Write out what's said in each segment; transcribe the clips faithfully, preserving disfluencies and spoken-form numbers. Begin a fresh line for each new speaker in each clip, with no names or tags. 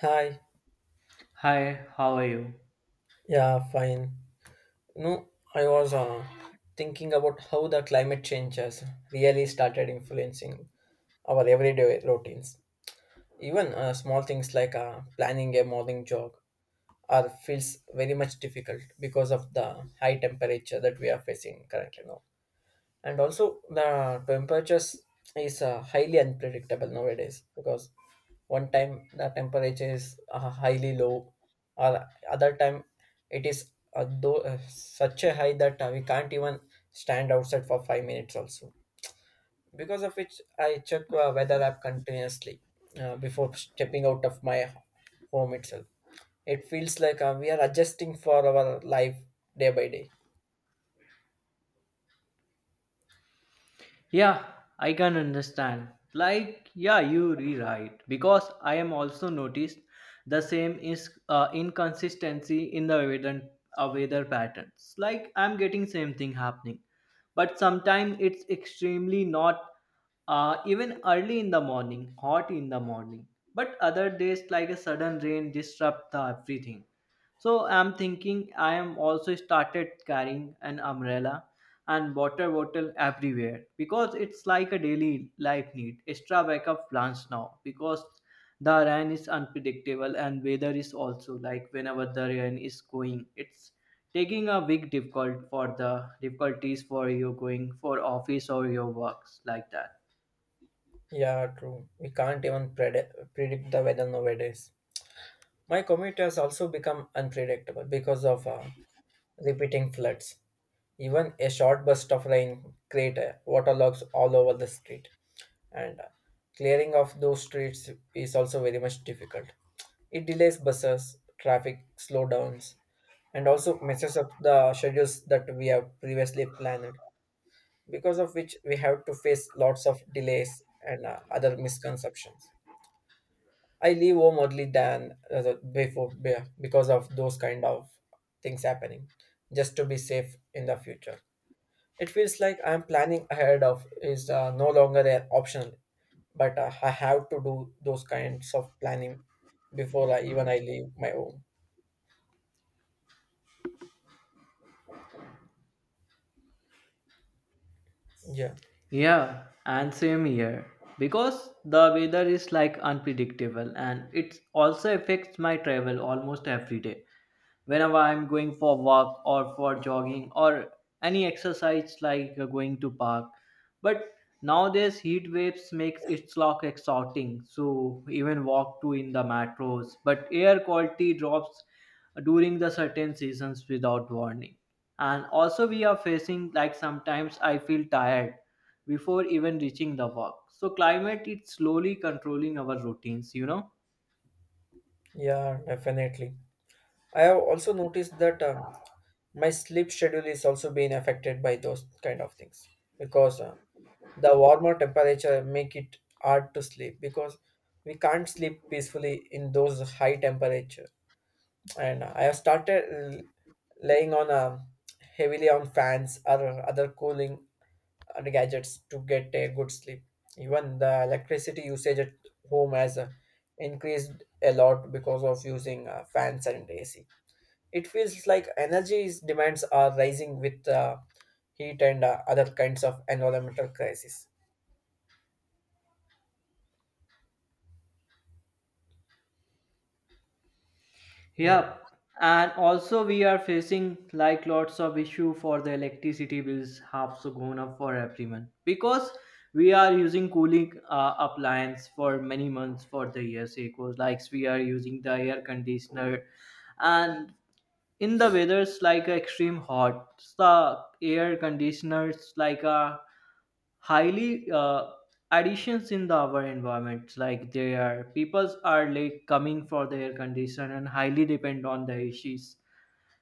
Hi.
Hi, how are you?
Yeah, fine. No, I was uh, thinking about how the climate change has really started influencing our everyday routines. Even uh, small things like uh, planning a morning jog are feels very much difficult because of the high temperature that we are facing currently now. And also the temperatures is uh, highly unpredictable nowadays because one time the temperature is uh, highly low, or other time it is uh, though, uh, such a high that uh, we can't even stand outside for five minutes also, because of which I check uh, weather app continuously uh, before stepping out of my home itself. It feels like uh, we are adjusting for our life day by day.
Yeah, I can understand. Like, yeah, you rewrite because I am also noticed the same is uh, inconsistency in the weather uh, weather patterns. Like, I'm getting same thing happening, but sometimes it's extremely not uh, even early in the morning, hot in the morning. But other days, like a sudden rain, disrupt the everything. So I'm thinking I am also started carrying an umbrella and water bottle everywhere because it's like a daily life need. Extra backup plans now because the rain is unpredictable and weather is also like whenever the rain is going, it's taking a big difficult for the difficulties for you going for office or your works like that.
Yeah, true. We can't even predict predict the weather nowadays. My commute has also become unpredictable because of uh, repeating floods. Even a short burst of rain create uh, waterlogs all over the street, and uh, clearing of those streets is also very much difficult. It delays buses, traffic slowdowns, and also messes up the schedules that we have previously planned, because of which we have to face lots of delays and uh, other misconceptions. I leave home early than uh, the- before be- because of those kind of things happening, just to be safe in the future. It feels like I'm planning ahead of is uh, no longer an optional, but uh, I have to do those kinds of planning before I, even I leave my home. Yeah,
Yeah, and same here. Because the weather is like unpredictable and it also affects my travel almost every day. Whenever I'm going for walk or for jogging or any exercise like uh, going to park, but nowadays heat waves makes it lock exhausting, so even walk to in the metros but air quality drops during the certain seasons without warning. And also we are facing like sometimes I feel tired before even reaching the work, so climate is slowly controlling our routines, you know.
yeah, definitely. I have also noticed that um, my sleep schedule is also being affected by those kind of things because uh, the warmer temperature make it hard to sleep, because we can't sleep peacefully in those high temperature. And I have started l- laying on um, heavily on fans or other cooling uh, gadgets to get a good sleep. Even the electricity usage at home has uh, increased a lot because of using uh, fans and ac. It feels like energy demands are rising with uh, heat and uh, other kinds of environmental crisis. Yeah,
Yeah. And also we are facing like lots of issue for the electricity bills have so gone up for everyone because we are using cooling uh, appliance for many months for the years. It was like we are using the air conditioner, and in the weather's like extreme hot the air conditioners like a highly uh, additions in the our environments like they are peoples are late coming for the air condition and highly depend on the issues.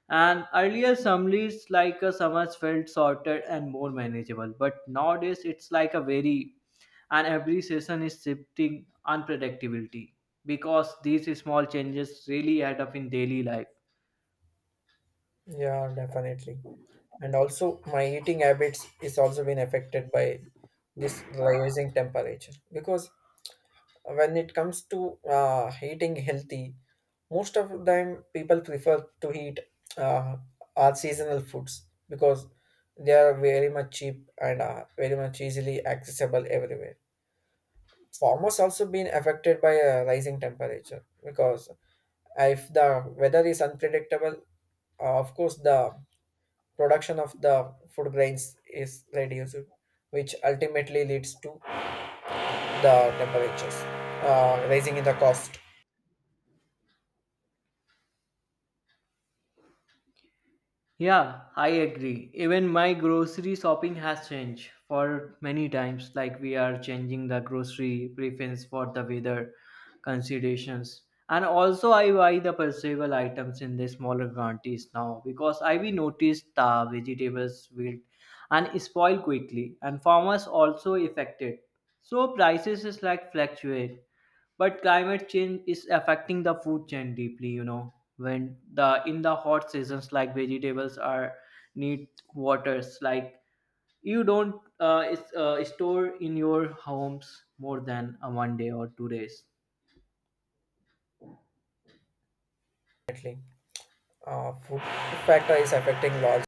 And earlier summers like a summers felt shorter and more manageable, but nowadays it's like a very, and every season is shifting unpredictability because these small changes really add up in daily life.
yeah, definitely. And also, my eating habits is also been affected by this rising temperature, because when it comes to uh, eating healthy, most of the time people prefer to eat uh, our seasonal foods, because they are very much cheap and uh, very much easily accessible everywhere. Farmers also been affected by a rising temperature, because if the weather is unpredictable, uh, of course the production of the food grains is reduced, which ultimately leads to the temperatures uh, rising in the cost.
Yeah, I agree. Even my grocery shopping has changed for many times. Like we are changing the grocery preference for the weather considerations. And also I buy the perceivable items in the smaller quantities now because I we noticed the vegetables wilt and spoil quickly and farmers also affected. So prices is like fluctuate, but climate change is affecting the food chain deeply, you know. When the in the hot seasons like vegetables are need waters like you don't uh, is, uh, store in your homes more than a one day or two days.
Definitely uh, food factor is affecting lot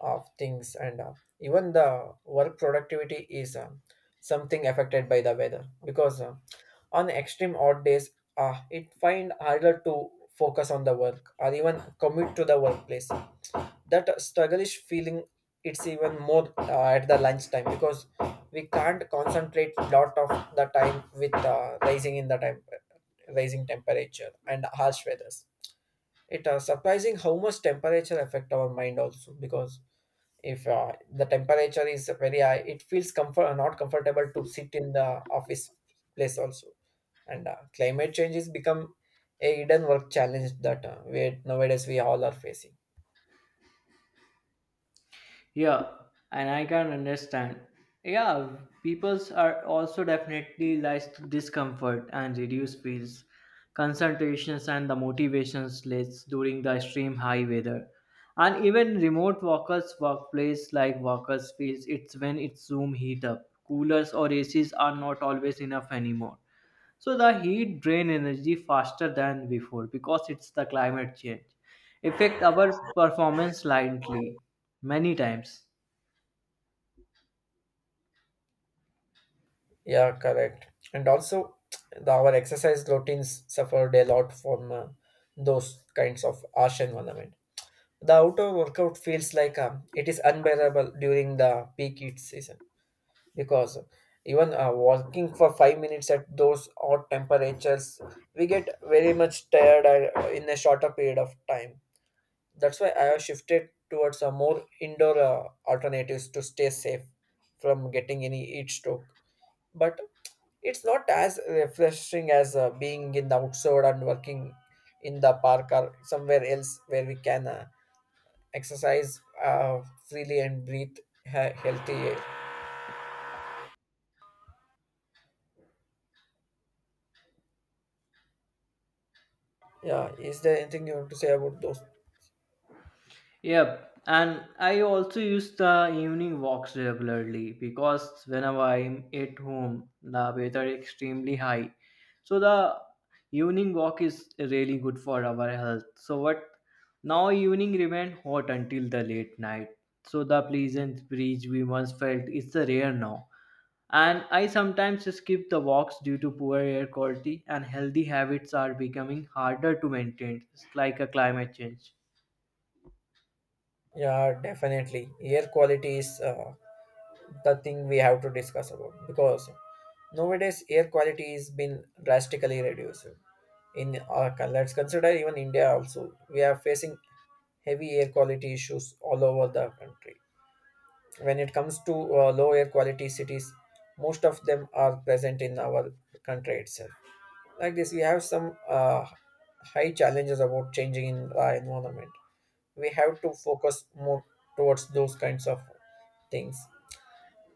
of things. And uh, even the work productivity is uh, something affected by the weather, because uh, on extreme odd days uh, it find harder to focus on the work or even commute to the workplace. That struggleish feeling, it's even more uh, at the lunchtime, because we can't concentrate lot of the time with uh, rising in the time rising temperature and harsh weathers. It uh, surprising how much temperature affect our mind also, because if uh, the temperature is very high, it feels comfort not comfortable to sit in the office place also. And uh, climate change has become a hidden work challenge that uh, we nowadays we all are facing.
Yeah, and I can understand. Yeah, peoples are also definitely lies to discomfort and reduce feels, concentrations and the motivation slates during the extreme high weather. And even remote workers' workplace like workers feels it's when it's room heat up. Coolers or A Cs are not always enough anymore. So the heat drain energy faster than before because it's the climate change. Affect our performance slightly many times.
Yeah, correct. And also, the, our exercise routines suffered a lot from uh, those kinds of harsh environment. The outdoor workout feels like um, it is unbearable during the peak heat season, because even uh, walking for five minutes at those hot temperatures, we get very much tired uh, in a shorter period of time. That's why I have shifted towards a more indoor uh, alternatives to stay safe from getting any heat stroke. But it's not as refreshing as uh, being in the outside and working in the park or somewhere else where we can uh, exercise uh, freely and breathe he- healthy air. Yeah, is there anything you want to say about those?
Yep, and I also use the evening walks regularly because whenever I'm at home, the weather is extremely high. So the evening walk is really good for our health. So what now evening remain hot until the late night. So the pleasant breeze we once felt is rare now. And I sometimes skip the walks due to poor air quality and healthy habits are becoming harder to maintain. It's like a climate change.
Yeah, definitely. Air quality is uh, the thing we have to discuss about, because nowadays air quality has been drastically reduced. In our, coun- let's consider even India also. We are facing heavy air quality issues all over the country. When it comes to uh, low air quality cities, most of them are present in our country itself. Like this, we have some uh, high challenges about changing in the environment. We have to focus more towards those kinds of things.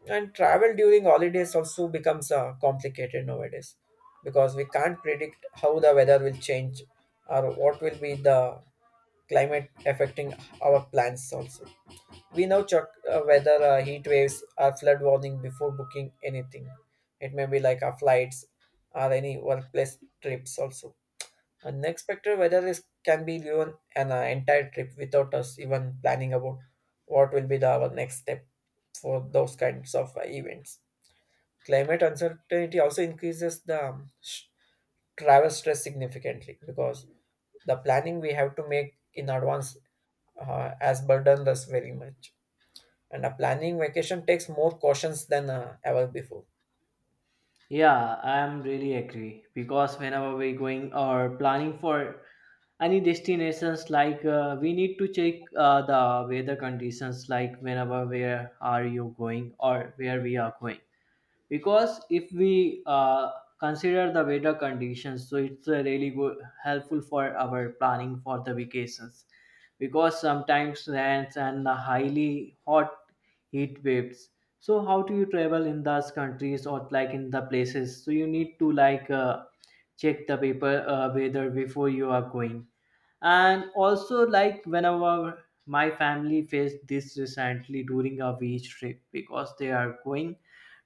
And travel during holidays also becomes uh, complicated nowadays, because we can't predict how the weather will change or what will be the climate affecting our plans also. We now check uh, whether uh, heat waves or flood warning before booking anything. It may be like our flights or any workplace trips also. Unexpected weather risk can be ruin an uh, entire trip without us even planning about what will be the, our next step for those kinds of uh, events. Climate uncertainty also increases the um, sh- travel stress significantly, because the planning we have to make in advance uh, has burdened us very much. And a planning vacation takes more cautions than uh, ever before.
Yeah, I'm really agree because whenever we're going or planning for any destinations, like uh, we need to check uh, the weather conditions, like whenever where are you going or where we are going because if we uh, consider the weather conditions so it's uh, really good helpful for our planning for the vacations because sometimes rains and the highly hot heat waves, so how do you travel in those countries or like in the places so you need to like uh, check the paper uh, weather before you are going. And also like whenever my family faced this recently during a beach trip because they are going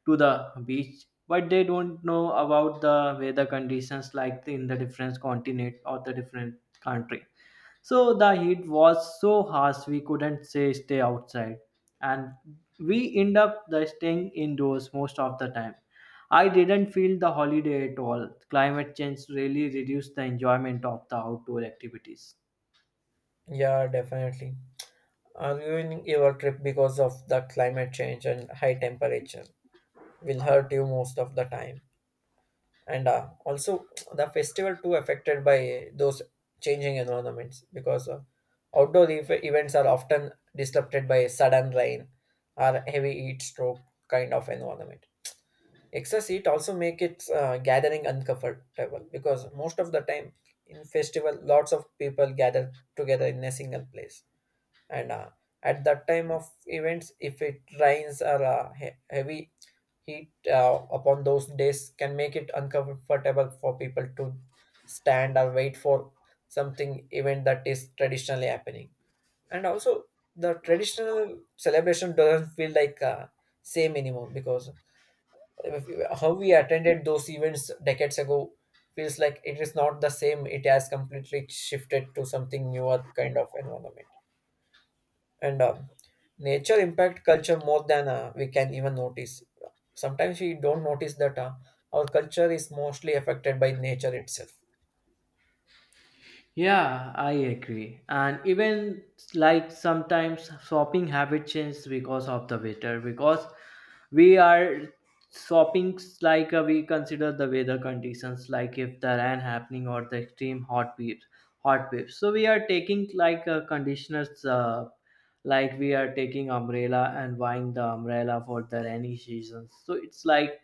to the beach but they don't know about the weather conditions like in the different continent or the different country, so the heat was so harsh we couldn't say stay outside and we end up the staying indoors most of the time. I didn't feel the holiday at all. Climate change really reduced the enjoyment of the outdoor activities.
Yeah, definitely. Uh, ruining your trip because of the climate change and high temperature will hurt you most of the time. And uh, also the festival too affected by those changing environments, because uh, outdoor ev- events are often disrupted by sudden rain or heavy heat stroke kind of environment. Excess heat also make it uh, gathering uncomfortable, because most of the time in festival lots of people gather together in a single place. And uh, at that time of events, if it rains or uh, he- heavy heat uh, upon those days, can make it uncomfortable for people to stand or wait for something event that is traditionally happening. And also the traditional celebration doesn't feel like uh, same anymore, because if, how we attended those events decades ago feels like it is not the same, it has completely shifted to something newer kind of environment. And um, nature impact culture more than uh, we can even notice. Sometimes we don't notice that uh, our culture is mostly affected by nature itself.
Yeah, I agree. And even like sometimes shopping habit changes because of the weather because we are shopping like uh, we consider the weather conditions like if the rain happening or the extreme hot waves hot waves so we are taking like uh, conditioners, uh, like we are taking umbrella and buying the umbrella for the rainy seasons so it's like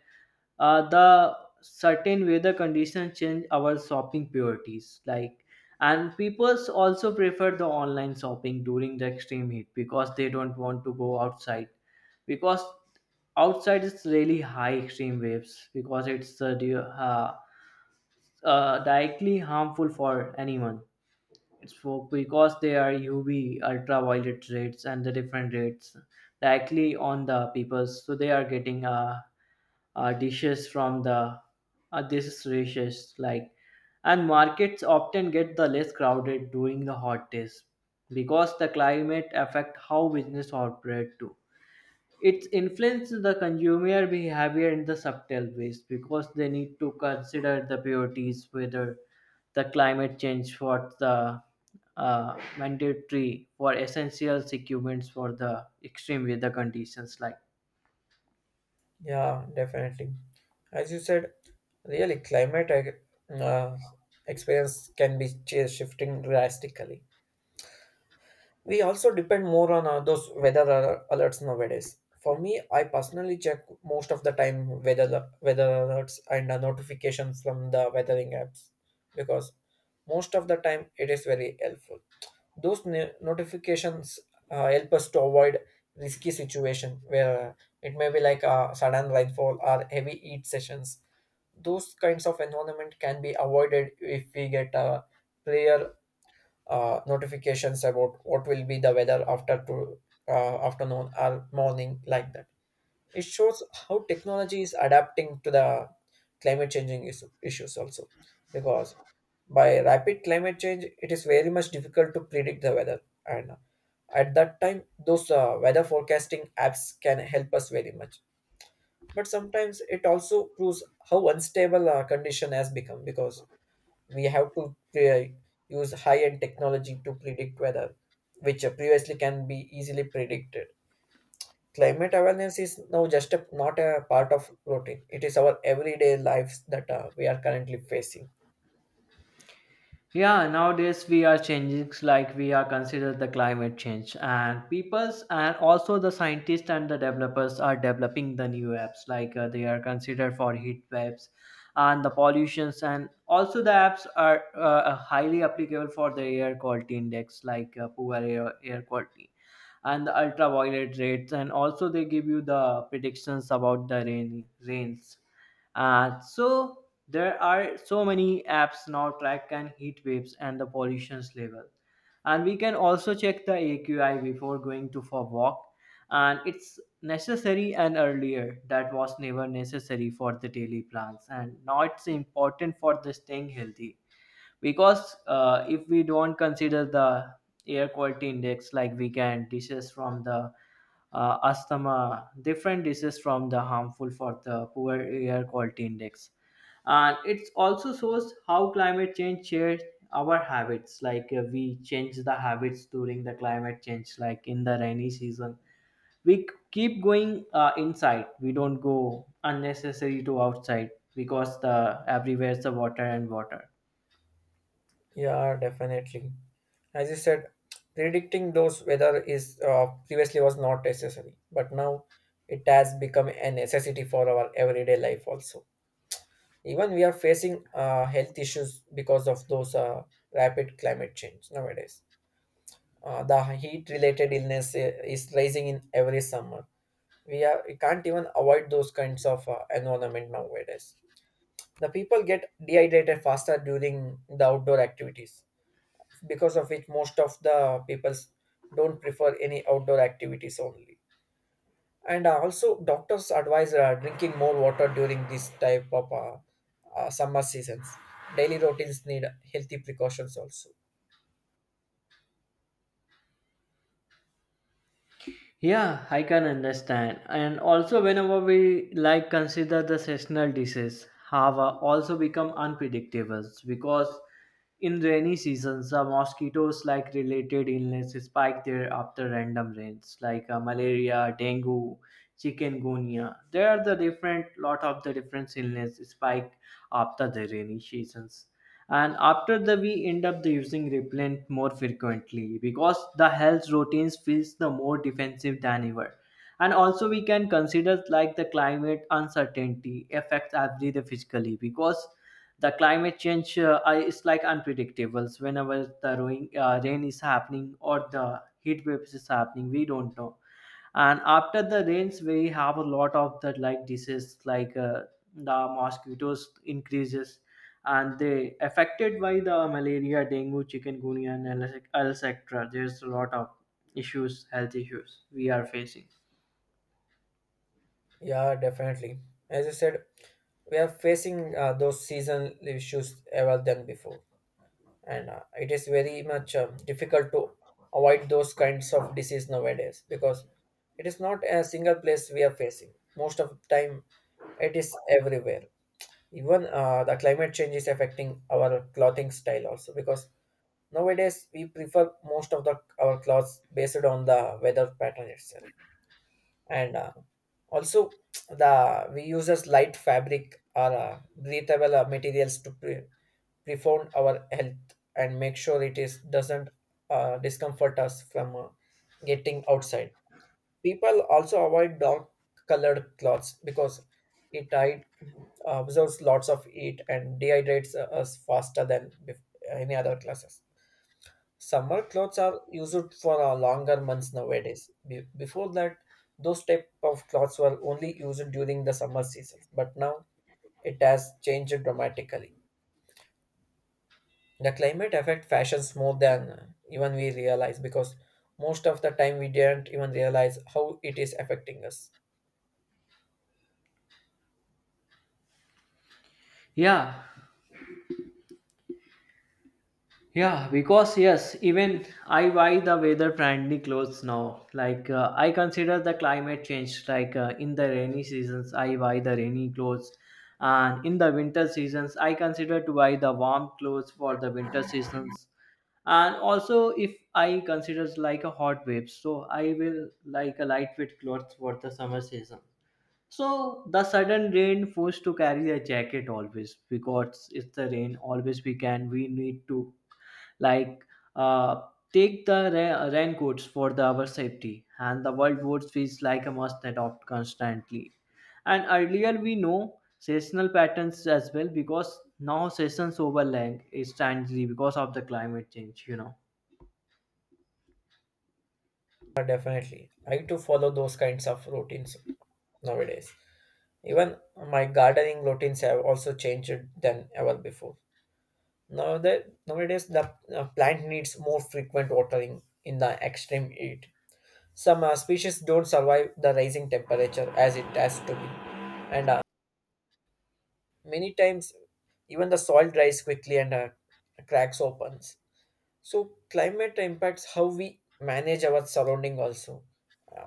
uh, the certain weather conditions change our shopping priorities like. And people also prefer the online shopping during the extreme heat because they don't want to go outside because outside is really high extreme waves because it's uh, di- uh, uh, directly harmful for anyone. It's for because they are U V ultraviolet rates and the different rates directly on the people. So they are getting uh, uh dishes from the uh, this dishes like. And markets often get the less crowded during the hot days because the climate affect how business operate too. It's influenced the consumer behavior in the subtle ways because they need to consider the priorities whether the climate change for the uh, mandatory for essential equipments for the extreme weather conditions like.
Yeah, definitely. As you said, really climate uh, experience can be ch- shifting drastically. We also depend more on uh, those weather al- alerts nowadays. For me, I personally check most of the time weather weather alerts and uh, notifications from the weathering apps, because most of the time it is very helpful. Those no- notifications uh, help us to avoid risky situation where uh, it may be like a sudden rainfall or heavy heat sessions. Those kinds of environment can be avoided if we get a clear uh, notifications about what will be the weather after to, uh, afternoon or morning like that. It shows how technology is adapting to the climate changing is- issues also. Because by rapid climate change, it is very much difficult to predict the weather. And at that time, those uh, weather forecasting apps can help us very much. But sometimes it also proves how unstable our condition has become, because we have to pre- use high end technology to predict weather, which uh, previously can be easily predicted. Climate awareness is now just a, not a part of routine. It is our everyday lives that uh, we are currently facing.
Yeah, nowadays we are changing like we are considered the climate change and peoples and also the scientists and the developers are developing the new apps like uh, they are considered for heat waves and the pollutions, and also the apps are uh, uh, highly applicable for the air quality index like uh, poor air, air quality and the ultraviolet rates, and also they give you the predictions about the rain rains, uh, so there are so many apps now track and heat waves and the pollution's level. And we can also check the A Q I before going to for walk. And it's necessary and earlier that was never necessary for the daily plans. And now it's important for the staying healthy because uh, if we don't consider the air quality index like we can disease from the uh, asthma different diseases from the harmful for the poor air quality index. And it also shows how climate change shares our habits like uh, we change the habits during the climate change like in the rainy season we c- keep going uh, inside we don't go unnecessary to outside because the everywhere's the water and water.
Yeah, definitely. As you said, predicting those weather is uh, previously was not necessary, but now it has become a necessity for our everyday life also. Even we are facing uh, health issues because of those uh, rapid climate change nowadays. Uh, the heat related illness uh, is rising in every summer. We have we can't even avoid those kinds of uh, environment nowadays. The people get dehydrated faster during the outdoor activities, because of which most of the people don't prefer any outdoor activities only. And uh, also doctors advise uh, drinking more water during this type of uh, uh, summer seasons. Daily routines need healthy precautions also.
Yeah, I can understand. And also, whenever we like consider the seasonal disease, have uh, also become unpredictable because in rainy seasons, the mosquitoes like related illnesses spike there after random rains, like uh, malaria, dengue, chikungunya. There are the different lot of the different illness spike after the rainy seasons. And after that we end up the using repellent more frequently because the health routines feels the more defensive than ever. And also we can consider like the climate uncertainty affects every the physically because the climate change uh, I- is like unpredictable. So whenever the rain, uh, rain is happening or the heat waves is happening we don't know. And after the rains we have a lot of the like disease like uh, the mosquitoes increases and they affected by the malaria dengue chikungunya and etc. There's a lot of issues, health issues we are facing.
Yeah, definitely. As you said, we are facing uh, those seasonal issues ever than before. And uh, it is very much um, difficult to avoid those kinds of disease nowadays, because it is not a single place we are facing most of the time, it is everywhere. Even uh, the climate change is affecting our clothing style also, because nowadays we prefer most of the our clothes based on the weather pattern itself. And uh, also the we uses light fabric or uh, breathable uh, materials to pre- profound our health and make sure it is doesn't uh, discomfort us from uh, getting outside. People also avoid dark colored cloths because it hide- absorbs lots of heat and dehydrates uh, us faster than bef- any other classes. Summer clothes are used for uh, longer months nowadays. Be- before that, those type of clothes were only used during the summer season, but now it has changed dramatically. The climate affect fashions more than uh, even we realize, because most of the time we didn't even realize how it is affecting us.
Yeah. Yeah, because yes, even I buy the weather friendly clothes now. Like uh, I consider the climate change. Like uh, in the rainy seasons, I buy the rainy clothes, and in the winter seasons, I consider to buy the warm clothes for the winter seasons. And also, if I considers like a hot waves, so I will like a lightweight clothes for the summer season. So the sudden rain forced to carry a jacket always because it's the rain. Always we can we need to like, uh, take the ra- raincoats for the our safety, and the world wars feels like a must adopt constantly. And earlier we know seasonal patterns as well because now seasons overlap instantly because of the climate change. You know.
Uh, definitely I too follow those kinds of routines nowadays. Even my gardening routines have also changed than ever before. Now that nowadays the uh, plant needs more frequent watering in the extreme heat. Some uh, species don't survive the rising temperature as it has to be, and uh, many times, even the soil dries quickly and uh, cracks opens. So climate impacts how we manage our surrounding also,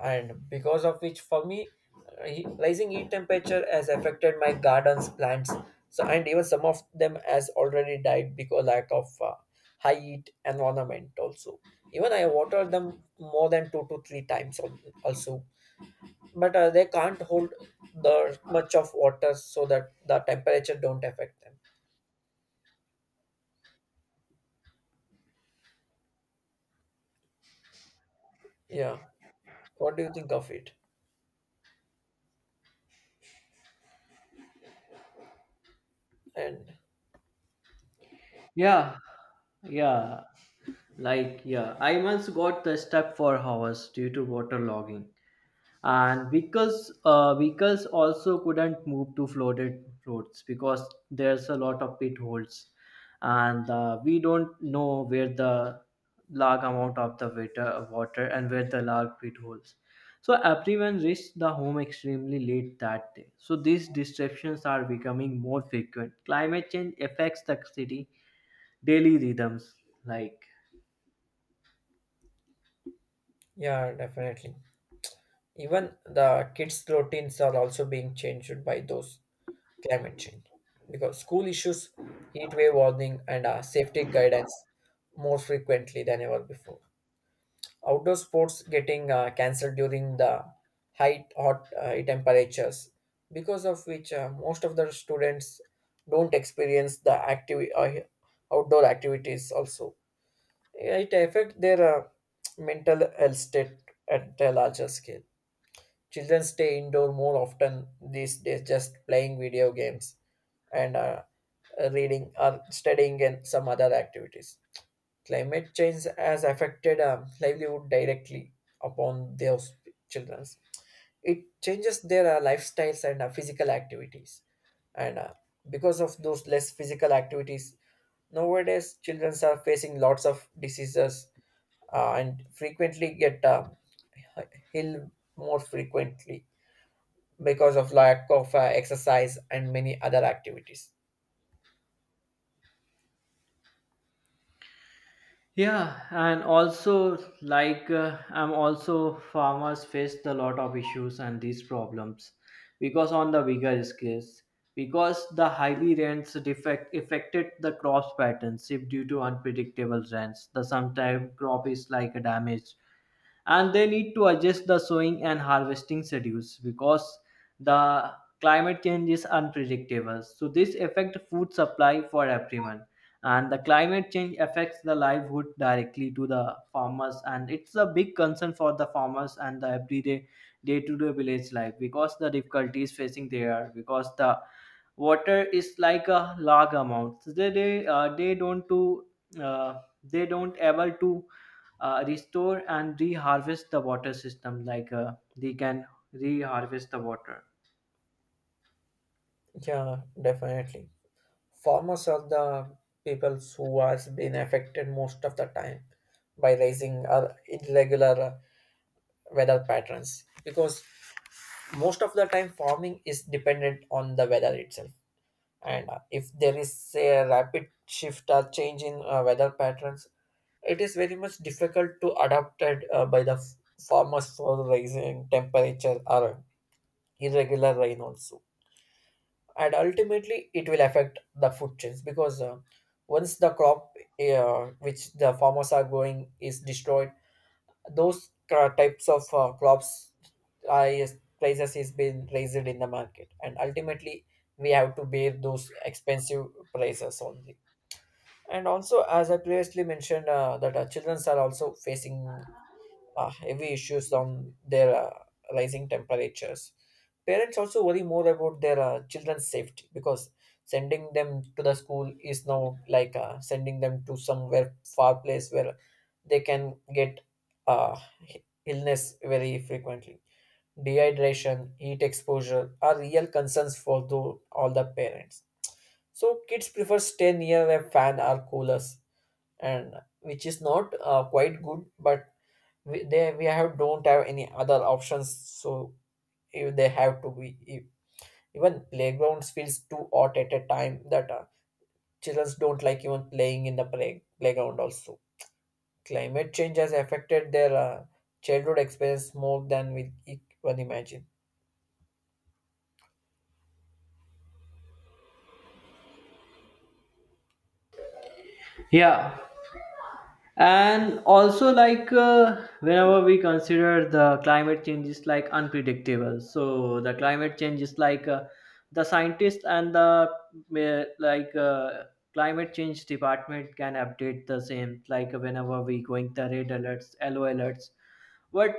and because of which, for me, uh, he- rising heat temperature has affected my gardens, plants, so and even some of them has already died because lack of uh, high heat environment also. Even I water them more than two to three times al- also, but uh, they can't hold the much of water so that the temperature don't affect them. Yeah, what do you think of it? And
Yeah, yeah. Like yeah, I once got the stuck for hours due to water logging. And vehicles uh, vehicles also couldn't move to flooded roads because there's a lot of pit holes and uh, we don't know where the large amount of the water, water and where the large pit holes, so everyone reached the home extremely late that day. So these disruptions are becoming more frequent. Climate change affects the city daily rhythms like.
yeah, definitely, even the kids routines are also being changed by those climate change, because school issues heat wave warning and uh, safety guidance more frequently than ever before. Outdoor sports getting uh, cancelled during the high hot uh, temperatures, because of which uh, most of the students don't experience the active uh, outdoor activities also. Yeah, it affect their uh, mental health state at a larger scale. Children stay indoor more often these days, just playing video games and uh, reading or studying and some other activities. Climate change has affected um, livelihood directly upon those children. It changes their uh, lifestyles and uh, physical activities. And uh, Because of those less physical activities, nowadays children are facing lots of diseases uh, and frequently get uh, ill more frequently because of lack of uh, exercise and many other activities.
Yeah, and also like uh, I'm also farmers faced a lot of issues and these problems because on the bigger scales because the highly rents defect affected the crop patterns if due to unpredictable rents the sometime crop is like damaged and they need to adjust the sowing and harvesting schedules because the climate change is unpredictable, so this affect food supply for everyone. And the climate change affects the livelihood directly to the farmers and it's a big concern for the farmers and the everyday day-to-day village life because the difficulties facing there because the water is like a large amount, so they they, uh, they don't to uh, they don't able to uh, restore and reharvest the water system like uh, they can reharvest the water.
Yeah, definitely. Farmers are the people who has been affected most of the time by rising or irregular uh, weather patterns, because most of the time farming is dependent on the weather itself. And uh, if there is say, a rapid shift or change in uh, weather patterns, it is very much difficult to adapt it uh, by the f- farmers for rising temperature or irregular rain also. And ultimately it will affect the food chains, because uh, once the crop uh, which the farmers are growing is destroyed, those cra- types of uh, crops uh, is- prices is being raised in the market, and ultimately we have to bear those expensive prices only. And also, as I previously mentioned uh, that uh, children are also facing uh, heavy issues on their uh, rising temperatures. Parents also worry more about their uh, children's safety, because sending them to the school is now like uh, sending them to somewhere far place where they can get uh, illness very frequently. Dehydration, heat exposure are real concerns for the, all the parents. So kids prefer stay near a fan or coolers, and which is not uh, quite good, but we, they we have don't have any other options. So if they have to be if, even playgrounds feels too hot at a time that uh, children don't like even playing in the play, playground also. Climate change has affected their uh, childhood experience more than we e- even imagine.
Yeah, and also like uh, whenever we consider the climate change is like unpredictable, so the climate change is like uh, the scientists and the uh, like uh, climate change department can update the same like whenever we going the red alerts yellow alerts but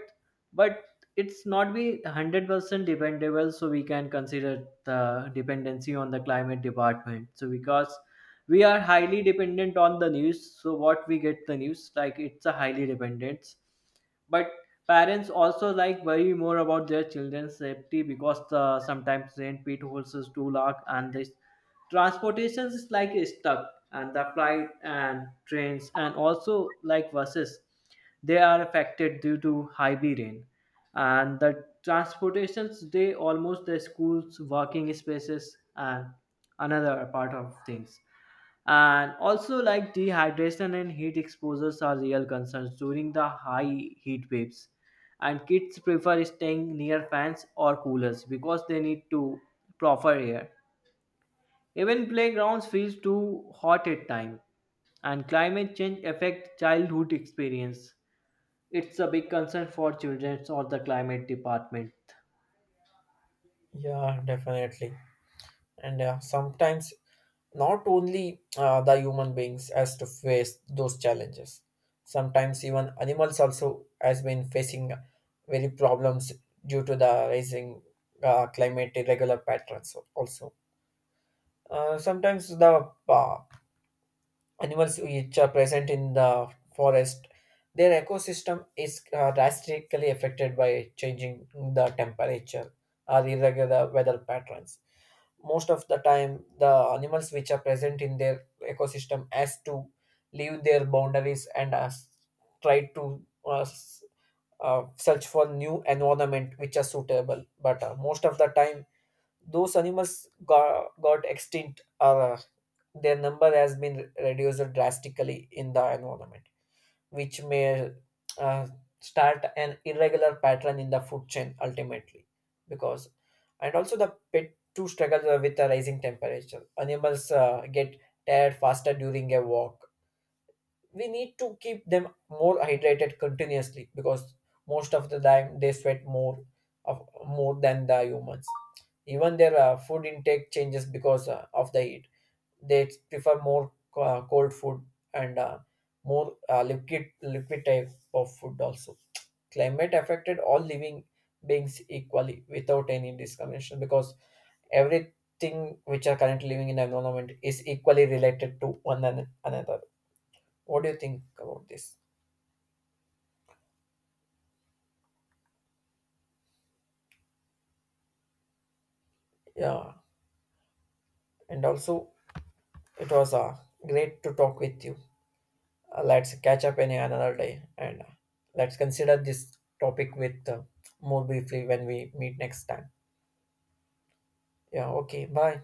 but it's not be one hundred percent dependable, so we can consider the dependency on the climate department so because we are highly dependent on the news so what we get the news like it's a highly dependence. But parents also like worry more about their children's safety because the sometimes rain pit holes is too large and this transportation is like is stuck and the flight and trains and also like buses they are affected due to heavy rain and the transportations they almost the schools working spaces and another part of things. And also like dehydration and heat exposures are real concerns during the high heat waves and kids prefer staying near fans or coolers because they need to proper air. Even playgrounds feels too hot at time, and climate change affect childhood experience it's a big concern for children or the climate department.
Yeah, definitely. And uh, sometimes not only uh, the human beings has to face those challenges, sometimes even animals also has been facing very problems due to the rising uh, climate irregular patterns also. Uh, sometimes the uh, animals which are present in the forest, their ecosystem is uh, drastically affected by changing the temperature or irregular weather patterns. Most of the time the animals which are present in their ecosystem has to leave their boundaries and uh, try to uh, s- uh, search for new environment which are suitable. But uh, most of the time those animals got, got extinct, or uh, their number has been reduced drastically in the environment, which may uh, start an irregular pattern in the food chain ultimately. Because and also the pet too struggle with the rising temperature. Animals uh, get tired faster during a walk. We need to keep them more hydrated continuously, because most of the time they sweat more of more than the humans. Even their uh, food intake changes because uh, of the heat, they prefer more uh, cold food, and uh, more uh, liquid liquid type of food also. Climate affected all living beings equally without any discrimination, because everything which are currently living in the environment is equally related to one an- another What do you think about this? Yeah. And also, it was uh, great to talk with you. Uh, let's catch up any another day, and uh, let's consider this topic with uh, more briefly when we meet next time. Yeah, okay. Bye.